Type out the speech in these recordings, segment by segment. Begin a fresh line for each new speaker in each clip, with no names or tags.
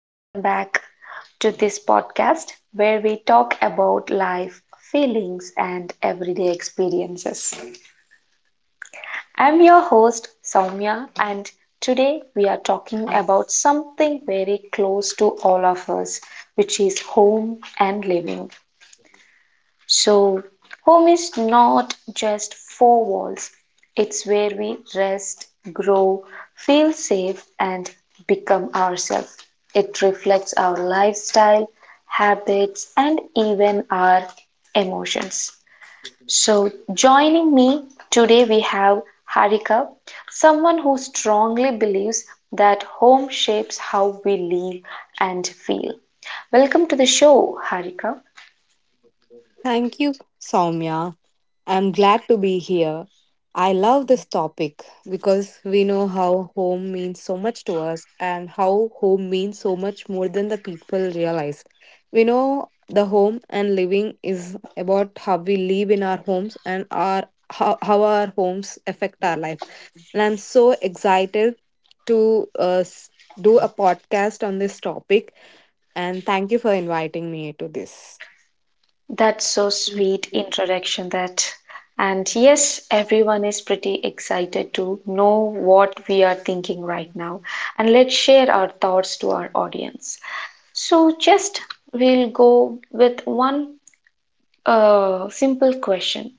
Welcome back to this podcast where we talk about life, feelings, and everyday experiences. I'm your host, Soumya, and today we are talking about something very close to all of us, which is home and living. So, home is not just four walls, it's where we rest, grow, feel safe, and become ourselves. It reflects our lifestyle, habits, and even our emotions. So, joining me today, we have Harika, someone who strongly believes that home shapes how we live and feel. Welcome to the show, Harika.
Thank you, Soumya. I'm glad to be here. I love this topic because we know how home means so much to us and how home means so much more than the people realize. We know the home and living is about how we live in our homes and our how our homes affect our life. And I'm so excited to do a podcast on this topic, and thank you for inviting me to this.
That's so sweet introduction that. And yes, everyone is pretty excited to know what we are thinking right now. And let's share our thoughts to our audience. So just we'll go with one simple question.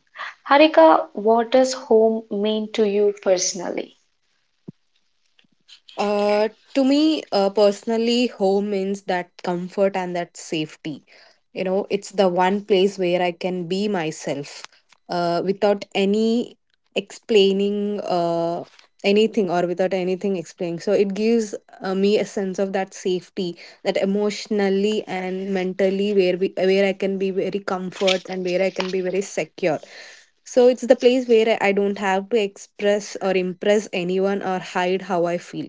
Harika, what does home mean to you personally?
To me, personally, home means that comfort and that safety. You know, it's the one place where I can be myself without any explaining anything or without anything explaining. So it gives me a sense of that safety, that emotionally and mentally where where I can be very comfort and where I can be very secure. So it's the place where I don't have to express or impress anyone or hide how I feel.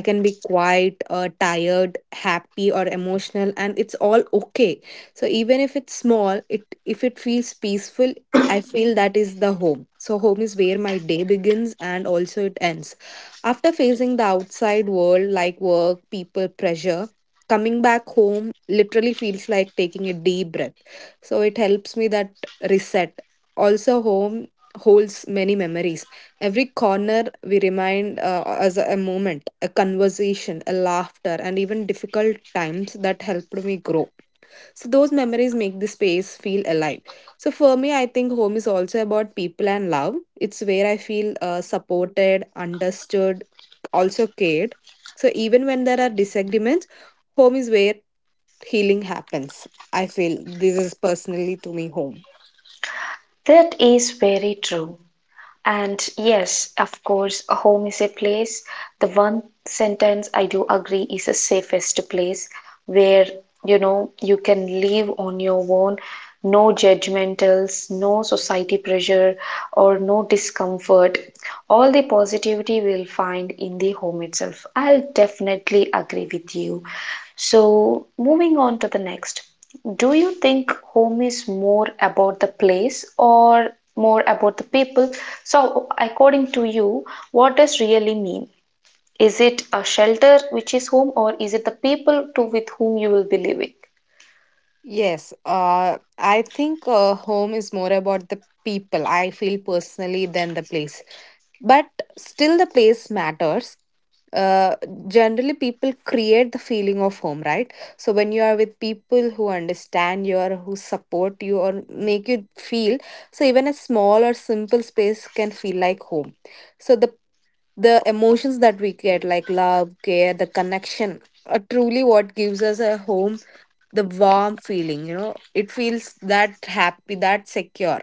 I can be quiet or tired, happy or emotional, and it's all okay. So even if it's small, it if it feels peaceful, I feel that is the home. So home is where my day begins and also it ends. After facing the outside world like work, people, pressure, coming back home literally feels like taking a deep breath. So it helps me that reset. Also, home holds many memories. Every corner we remind as a moment, a conversation, a laughter, and even difficult times that helped me grow. So those memories make the space feel alive. So for me, I think home is also about people and love. It's where I feel supported, understood, also cared. So even when there are disagreements, home is where healing happens. I feel this is personally to me home.
That is very true. And yes, of course, a home is a place. The one sentence I do agree is the safest place where you know you can live on your own, no judgmentals, no society pressure, or no discomfort. All the positivity we'll find in the home itself. I'll definitely agree with you. So, moving on to the next. Do you think home is more about the place or more about the people? So, according to you, what does really mean? Is it a shelter which is home or is it the people to with whom you will be living?
Yes, I think home is more about the people. I feel personally than the place. But still the place matters. uh, Generally people create the feeling of home, right? So when you are with people who understand you or who support you or make you feel, so even a small or simple space can feel like home. So the emotions that we get, like love, care, the connection, are truly what gives us a home. The warm feeling, you know, it feels that happy, that secure.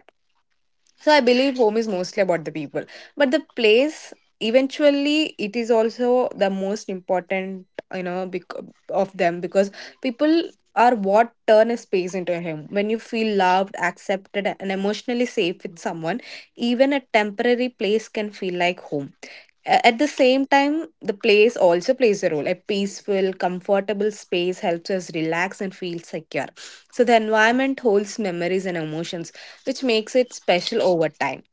So I believe home is mostly about the people, but the place eventually it is also the most important. you know bec- of them, because people are what turn a space into a home. When you feel loved, accepted, and emotionally safe with someone, even a temporary place can feel like home. At the same time, the place also plays a role. A peaceful, comfortable space helps us relax and feel secure. So the environment holds memories and emotions, which makes it special over time.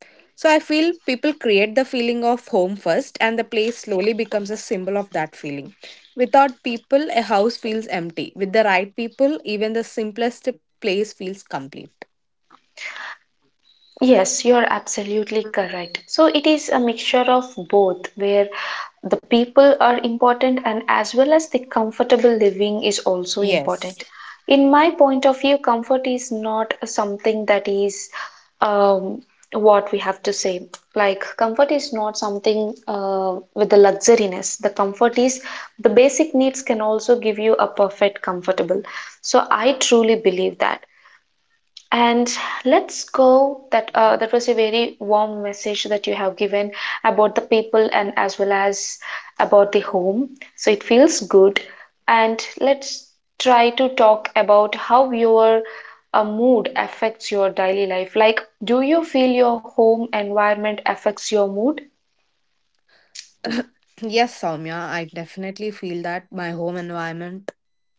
So I feel people create the feeling of home first, and the place slowly becomes a symbol of that feeling. Without people, a house feels empty. With the right people, even the simplest place feels complete.
Yes, you're absolutely correct. So it is a mixture of both, where the people are important and as well as the comfortable living is also
Yes.
important. In my point of view, comfort is not something that is um, what we have to say. Like, comfort is not something with the luxuriness. The comfort is the basic needs can also give you a perfect comfortable. So I truly believe that. And let's go. That was a very warm message that you have given about the people and as well as about the home. So it feels good. And let's try to talk about how your mood affects your daily life. Like, do you feel your home environment affects your mood?
Yes, Soumya, I definitely feel that my home environment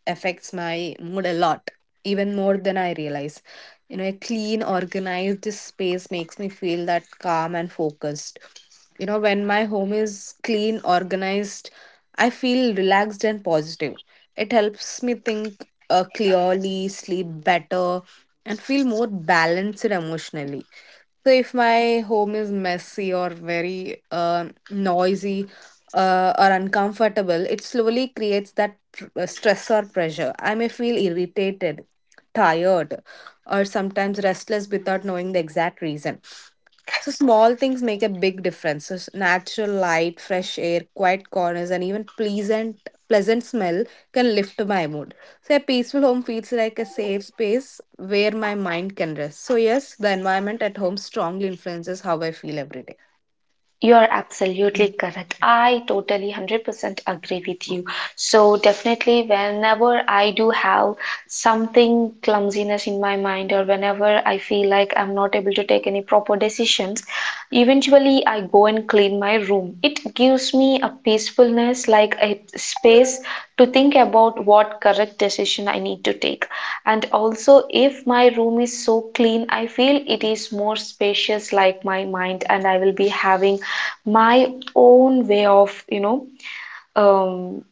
affects my mood a lot, even more than I realize. You know, a clean, organized space makes me feel that calm and focused. You know, when my home is clean, organized, I feel relaxed and positive. It helps me think clearly, sleep better, and feel more balanced emotionally. So if my home is messy or very noisy or uncomfortable, it slowly creates that stress or pressure. I may feel irritated, tired, or sometimes restless without knowing the exact reason. So, small things make a big difference. So, natural light, fresh air, quiet corners, and even pleasant smell can lift my mood. So, a peaceful home feels like a safe space where my mind can rest. So, yes, the environment at home strongly influences how I feel every day.
You're absolutely correct. I totally 100% agree with you. So, definitely, whenever I do have something clumsiness in my mind, or whenever I feel like I'm not able to take any proper decisions, eventually I go and clean my room. It gives me a peacefulness, like a space to think about what correct decision I need to take. And also, if my room is so clean, I feel it is more spacious, like my mind, and I will be having my own way of you know um,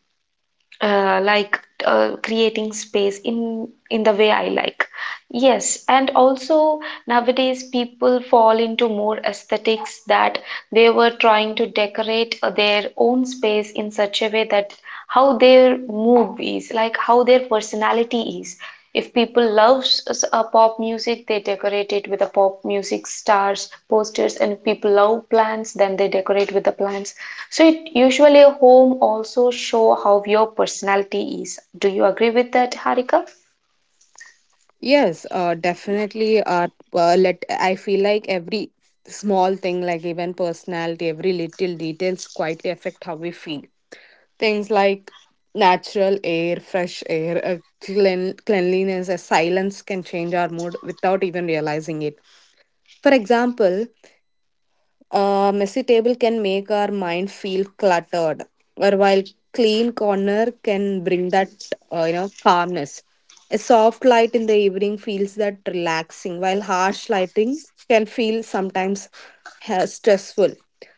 creating space in the way I like. Yes, and also nowadays, people fall into more aesthetics that they were trying to decorate their own space in such a way that how their mood is, like how their personality is. If people love pop music, they decorate it with the pop music stars, posters, and if people love plants, then they decorate with the plants. So it usually a home also show how your personality is. Do you agree with that, Harika?
Yes, definitely. Let I feel like every small thing, like even personality, every little details, quietly affect how we feel. Things like natural air, fresh air, cleanliness, a silence can change our mood without even realizing it. For example, a messy table can make our mind feel cluttered, or while clean corner can bring that calmness. A soft light in the evening feels that relaxing, while harsh lighting can feel sometimes stressful.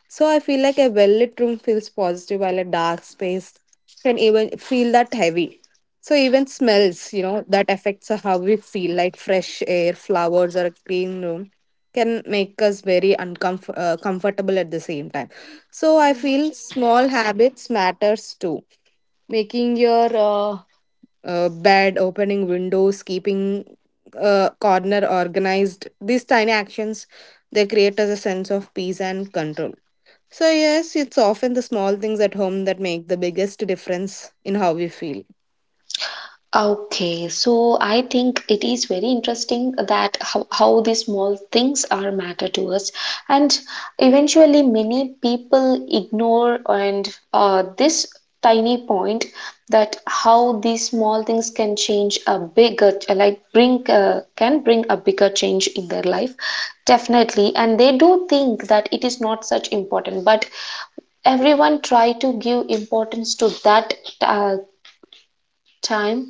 So I feel like a well lit room feels positive, while a dark space can even feel that heavy. So even smells, you know, that affects how we feel, like fresh air, flowers, or a clean room, can make us very uncomfortable comfortable at the same time. So I feel small habits matters too. Making your bed, opening windows, keeping corner organized. These tiny actions they create us a sense of peace and control. So yes, it's often the small things at home that make the biggest difference in how we feel.
Okay, so I think it is very interesting that how these small things are matter to us, and eventually many people ignore and this tiny point that how these small things can change a bigger like bring can bring a bigger change in their life definitely, and they do think that it is not such important, but everyone try to give importance to that uh, time,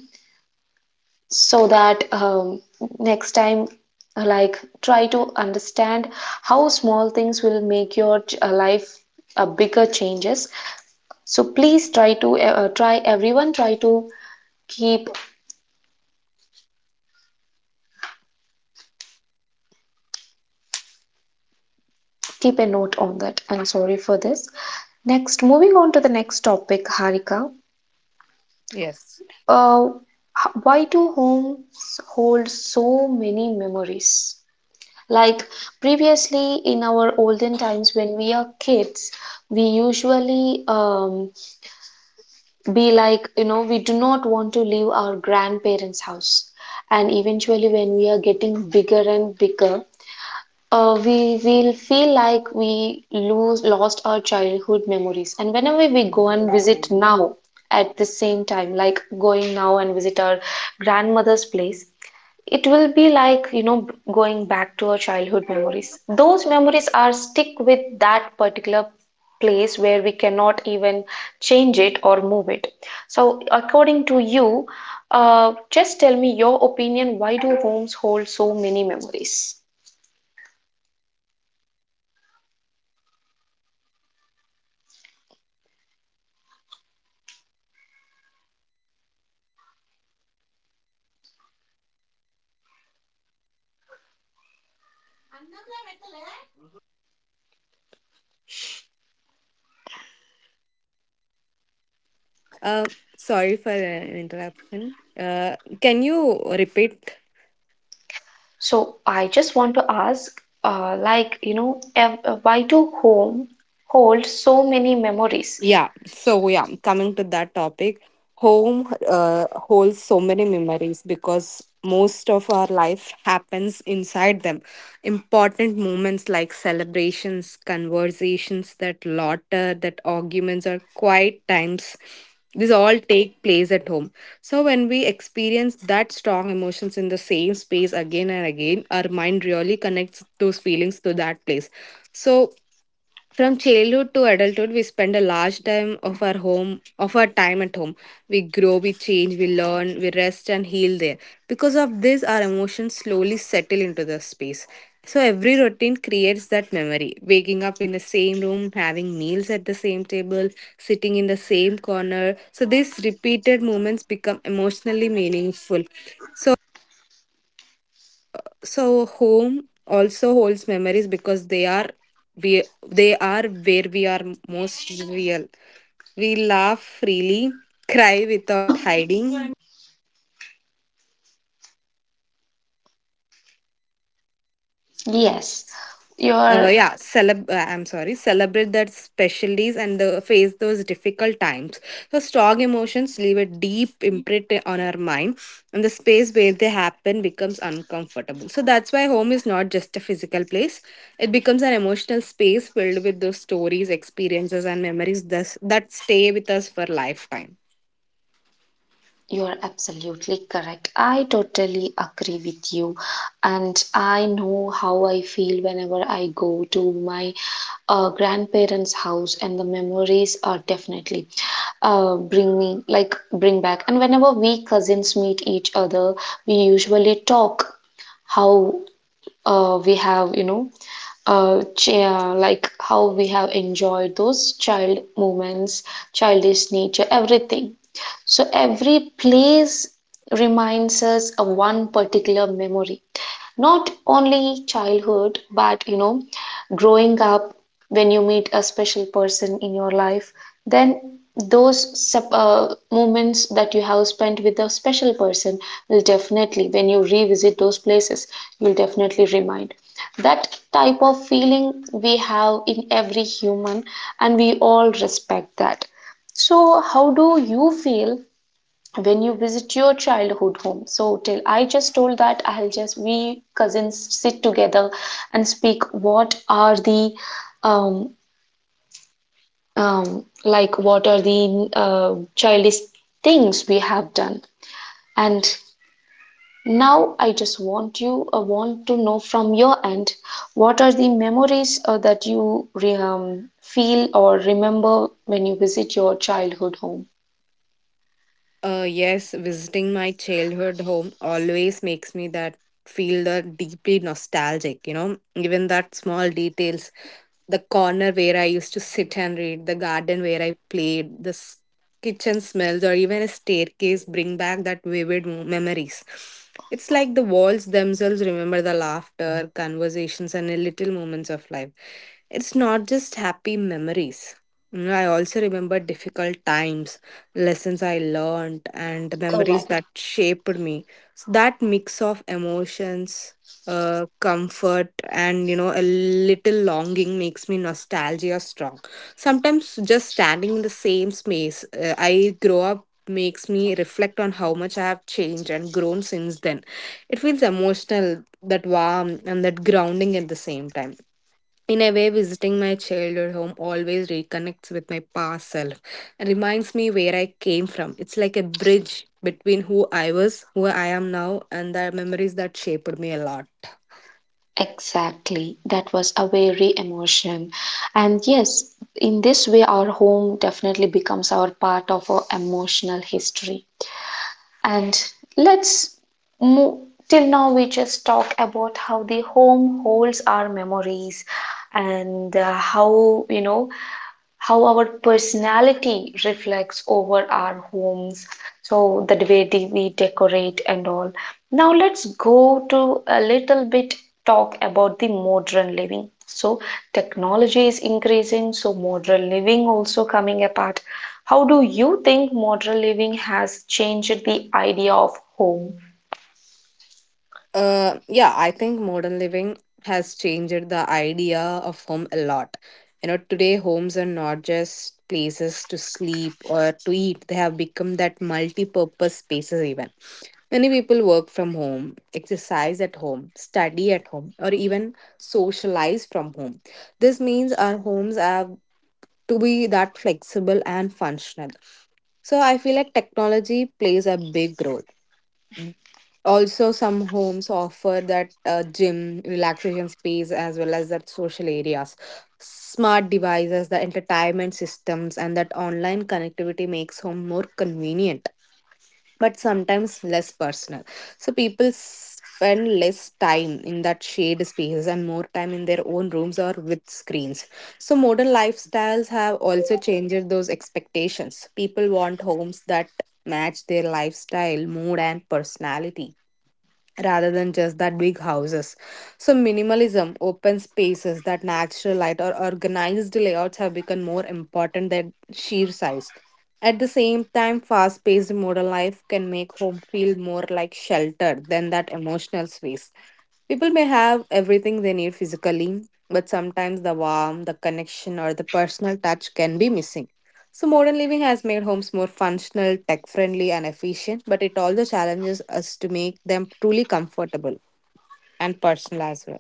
so that next time, like try to understand how small things will make your life bigger changes. So please try to try, everyone try to keep keep a note on that. I'm sorry for this. Next, moving on to the next topic, Harika.
Yes.
uh, why do homes hold so many memories? Like previously in our olden times when we are kids, we usually be like, you know, we do not want to leave our grandparents' house. And eventually, when we are getting bigger and bigger, we will feel like we lose lost our childhood memories. And whenever we go and visit now at the same time, like going now and visit our grandmother's place, it will be like, you know, going back to our childhood memories. Those memories are stick with that particular place where we cannot even change it or move it. So, according to you, just tell me your opinion, why do homes hold so many memories?
Uh, Sorry for an interruption. Can you repeat?
So, I just want to ask, like, you know, why do home hold so many memories?
Coming to that topic, home holds so many memories because most of our life happens inside them. Important moments like celebrations, conversations, that laughter, that arguments, or quiet times. These all take place at home. So when we experience that strong emotions in the same space again and again, our mind really connects those feelings to that place. So from childhood to adulthood, we spend a large time of our home, of our time at home. We grow, we change, we learn, we rest and heal there. Because of this, our emotions slowly settle into the space. So every routine creates that memory. Waking up in the same room, having meals at the same table, sitting in the same corner. So these repeated moments become emotionally meaningful. So so home also holds memories because they are where we are most real. We laugh freely, cry without hiding,
Yes, your
Yeah, celeb. I'm sorry, celebrate that special days and the, face those difficult times. So strong emotions leave a deep imprint on our mind, and the space where they happen becomes uncomfortable. So that's why home is not just a physical place; it becomes an emotional space filled with those stories, experiences, and memories thus, that stay with us for lifetime.
You're absolutely correct. I totally agree with you. And I know how I feel whenever I go to my grandparents' house, and the memories are definitely bring me like bring back. And whenever we cousins meet each other, we usually talk how we have, you know, like how we have enjoyed those child moments, childish nature, everything. So every place reminds us of one particular memory, not only childhood but you know growing up. When you meet a special person in your life, then those moments that you have spent with a special person will definitely, when you revisit those places, you'll definitely remind that type of feeling we have in every human, and we all respect that. So how do you feel when you visit your childhood home? So till I just told that, I'll just, we cousins sit together and speak what are the um, like what are the childish things we have done. And now I just want you want to know from your end what are the memories that you um, feel or remember when you visit your childhood home.
Yes, visiting my childhood home always makes me that feel the deeply nostalgic. You know, even that small details, the corner where I used to sit and read, the garden where I played, the kitchen smells, or even a staircase bring back that vivid memories. It's like the walls themselves remember the laughter, conversations, and the little moments of life. It's not just happy memories. You know, I also remember difficult times, lessons I learned, and memories
Correct.
that shaped me. So that mix of emotions, comfort, and you know a little longing makes me nostalgia strong. Sometimes just standing in the same space I grow up makes me reflect on how much I have changed and grown since then. It feels emotional, that warm and that grounding at the same time. In a way, visiting my childhood home always reconnects with my past self and reminds me where I came from. It's like a bridge between who I was, who I am now, and the memories that shaped me a lot.
Exactly. That was a very emotion. And yes, in this way, our home definitely becomes our part of our emotional history. And let's move. Till now, we just talk about how the home holds our memories and how, you know, how our personality reflects over our homes, so the way we decorate and all. Now let's go to a little bit talk about the modern living. So technology is increasing, so modern living also coming apart. How do you think modern living has changed the idea of home?
Yeah, I think modern living has changed the idea of home a lot. You know, today homes are not just places to sleep or to eat, they have become that multi purpose spaces, even. Many people work from home, exercise at home, study at home, or even socialize from home. This means our homes have to be that flexible and functional. So I feel like technology plays a big role. Also, some homes offer that gym, relaxation space, as well as that social areas. Smart devices, the entertainment systems, and that online connectivity makes home more convenient, but sometimes less personal. So people spend less time in that shared spaces and more time in their own rooms or with screens. So modern lifestyles have also changed those expectations. People want homes that match their lifestyle, mood, and personality rather than just that big houses. So, minimalism, open spaces, that natural light or organized layouts have become more important than sheer size. At the same time, fast paced modern life can make home feel more like shelter than that emotional space. People may have everything they need physically, but sometimes the warmth, the connection, or the personal touch can be missing. So, modern living has made homes more functional, tech friendly, and efficient, but it also challenges us to make them truly comfortable and personal as well.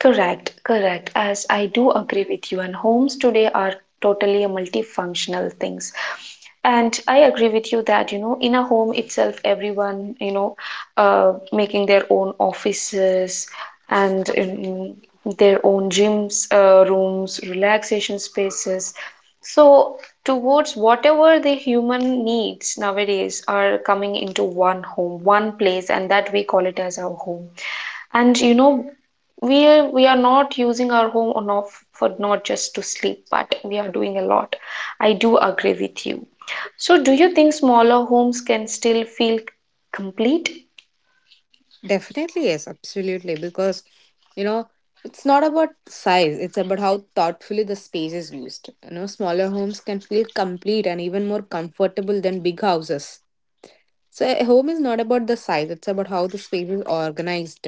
Correct, correct. As I do agree with you, and homes today are totally a multifunctional things. And I agree with you that, you know, in a home itself, everyone, you know, making their own offices and their own gyms, rooms, relaxation spaces. So, towards whatever the human needs nowadays are coming into one home, one place, and that we call it as our home. And you know, we are not using our home on off for not just to sleep, but we are doing a lot. I do agree with you. So do you think smaller homes can still feel complete?
Definitely, yes, absolutely. Because, you know, it's not about size, it's about how thoughtfully the space is used. You know, smaller homes can feel complete and even more comfortable than big houses. So a home is not about the size, it's about how the space is organized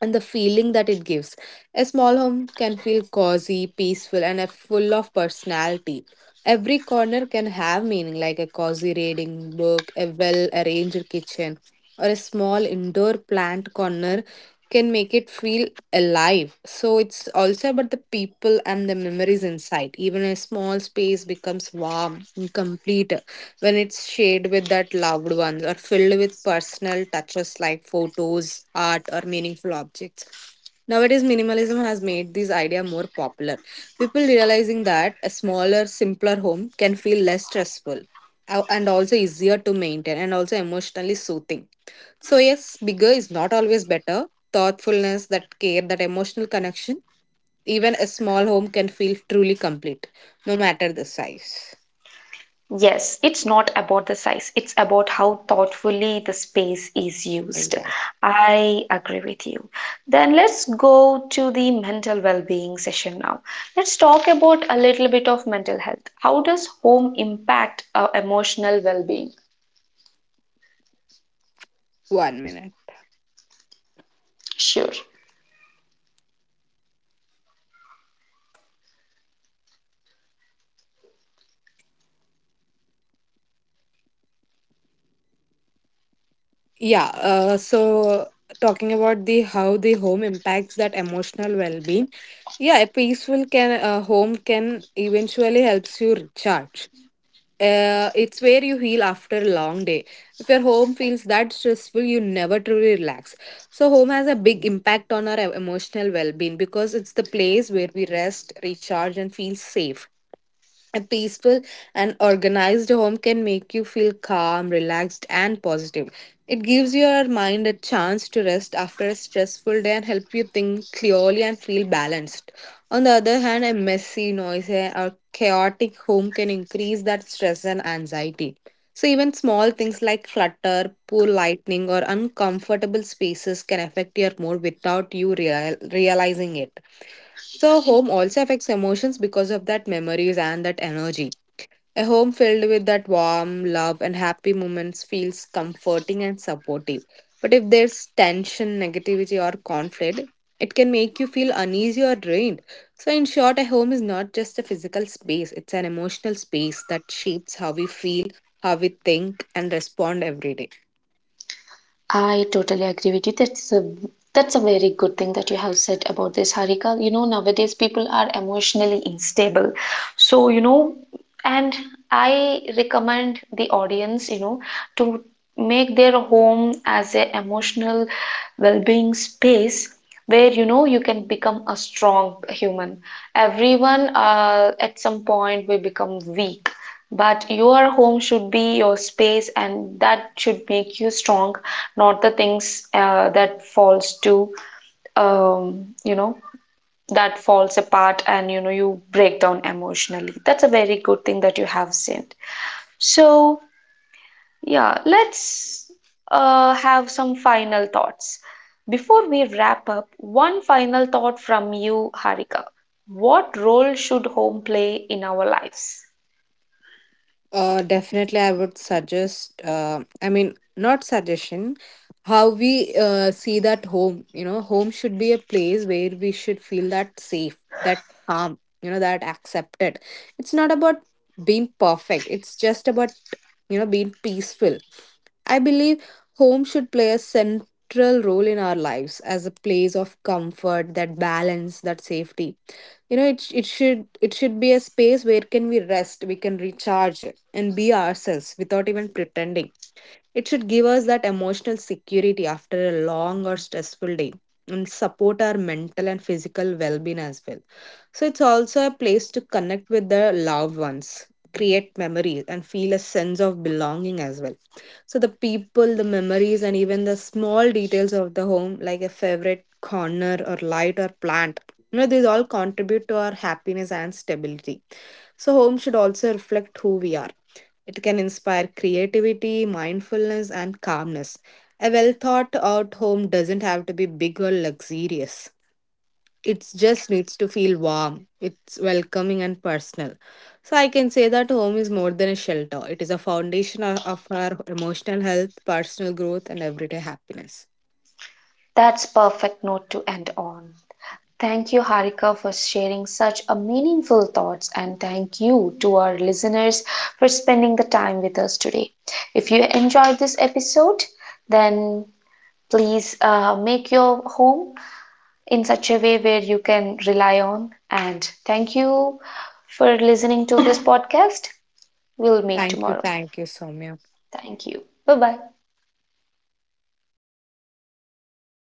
and the feeling that it gives. A small home can feel cozy, peaceful, and a full of personality. Every corner can have meaning, like a cozy reading book, a well arranged kitchen, or a small indoor plant corner can make it feel alive. So it's also about the people and the memories inside. Even a small space becomes warm and complete when it's shared with that loved ones or filled with personal touches like photos, art, or meaningful objects. Nowadays, minimalism has made this idea more popular. People realizing that a smaller, simpler home can feel less stressful and also easier to maintain and also emotionally soothing. So, yes, bigger is not always better. Thoughtfulness, that care, that emotional connection, even a small home can feel truly complete, no matter the size.
Yes, it's not about the size, it's about how thoughtfully the space is used.
Exactly.
I agree with you. Then let's go to the mental well-being session now. Let's talk about a little bit of mental health. How does home impact our emotional well-being?
One minute.
Sure.
Yeah, so talking about the how the home impacts that emotional well-being. Yeah, a peaceful can home can eventually helps you recharge. It's where you heal after a long day. If your home feels that stressful, you never truly relax. So home has a big impact on our emotional well-being because it's the place where we rest, recharge, and feel safe. A peaceful and organized home can make you feel calm, relaxed, and positive. It gives your mind a chance to rest after a stressful day and help you think clearly and feel balanced. On the other hand, a messy, noisy, or chaotic home can increase that stress and anxiety. So, even small things like clutter, poor lighting, or uncomfortable spaces can affect your mood without you realizing it. So home also affects emotions because of that memories and that energy. A home filled with that warm love and happy moments feels comforting and supportive. But if there's tension, negativity, or conflict, it can make you feel uneasy or drained. So, in short, a home is not just a physical space, it's an emotional space that shapes how we feel, how we think, and respond every day.
I totally agree with you. That's a very good thing that you have said about this, Harika. You know, nowadays people are emotionally unstable. So, you know, and I recommend the audience, you know, to make their home as a emotional well-being space where you know you can become a strong human. Everyone at some point will become weak, but your home should be your space, and that should make you strong, not the things that falls to you know, that falls apart, and you know you break down emotionally. That's a very good thing that you have said. So yeah, let's have some final thoughts before we wrap up. One final thought from you, Harika. What role should home play in our lives?
Definitely, I would suggest, I mean, not suggestion, how we see that home. You know, home should be a place where we should feel that safe, that calm, you know, that accepted. It's not about being perfect, it's just about, you know, being peaceful. I believe home should play a central role in our lives as a place of comfort, that balance, that safety. You know, it should be a space where can we rest, we can recharge and be ourselves without even pretending. It should give us that emotional security after a long or stressful day and support our mental and physical well-being as well, so it's also a place to connect with their loved ones, create memories, and feel a sense of belonging as well. So the people, the memories, and even the small details of the home, like a favorite corner or light or plant, you know, these all contribute to our happiness and stability. So home should also reflect who we are. It can inspire creativity, mindfulness, and calmness. A well thought out home doesn't have to be big or luxurious, it just needs to feel warm, it's welcoming and personal. So I can say that home is more than a shelter, it is a foundation of our emotional health, personal growth, and everyday happiness.
That's perfect note to end on. Thank you, Harika, for sharing such a meaningful thoughts, and thank you to our listeners for spending the time with us today. If you enjoyed this episode, then please make your home in such a way where you can rely on. And thank you for listening to this podcast. We'll meet
thank you
tomorrow.
thank you Soumya.
Thank you. Bye bye.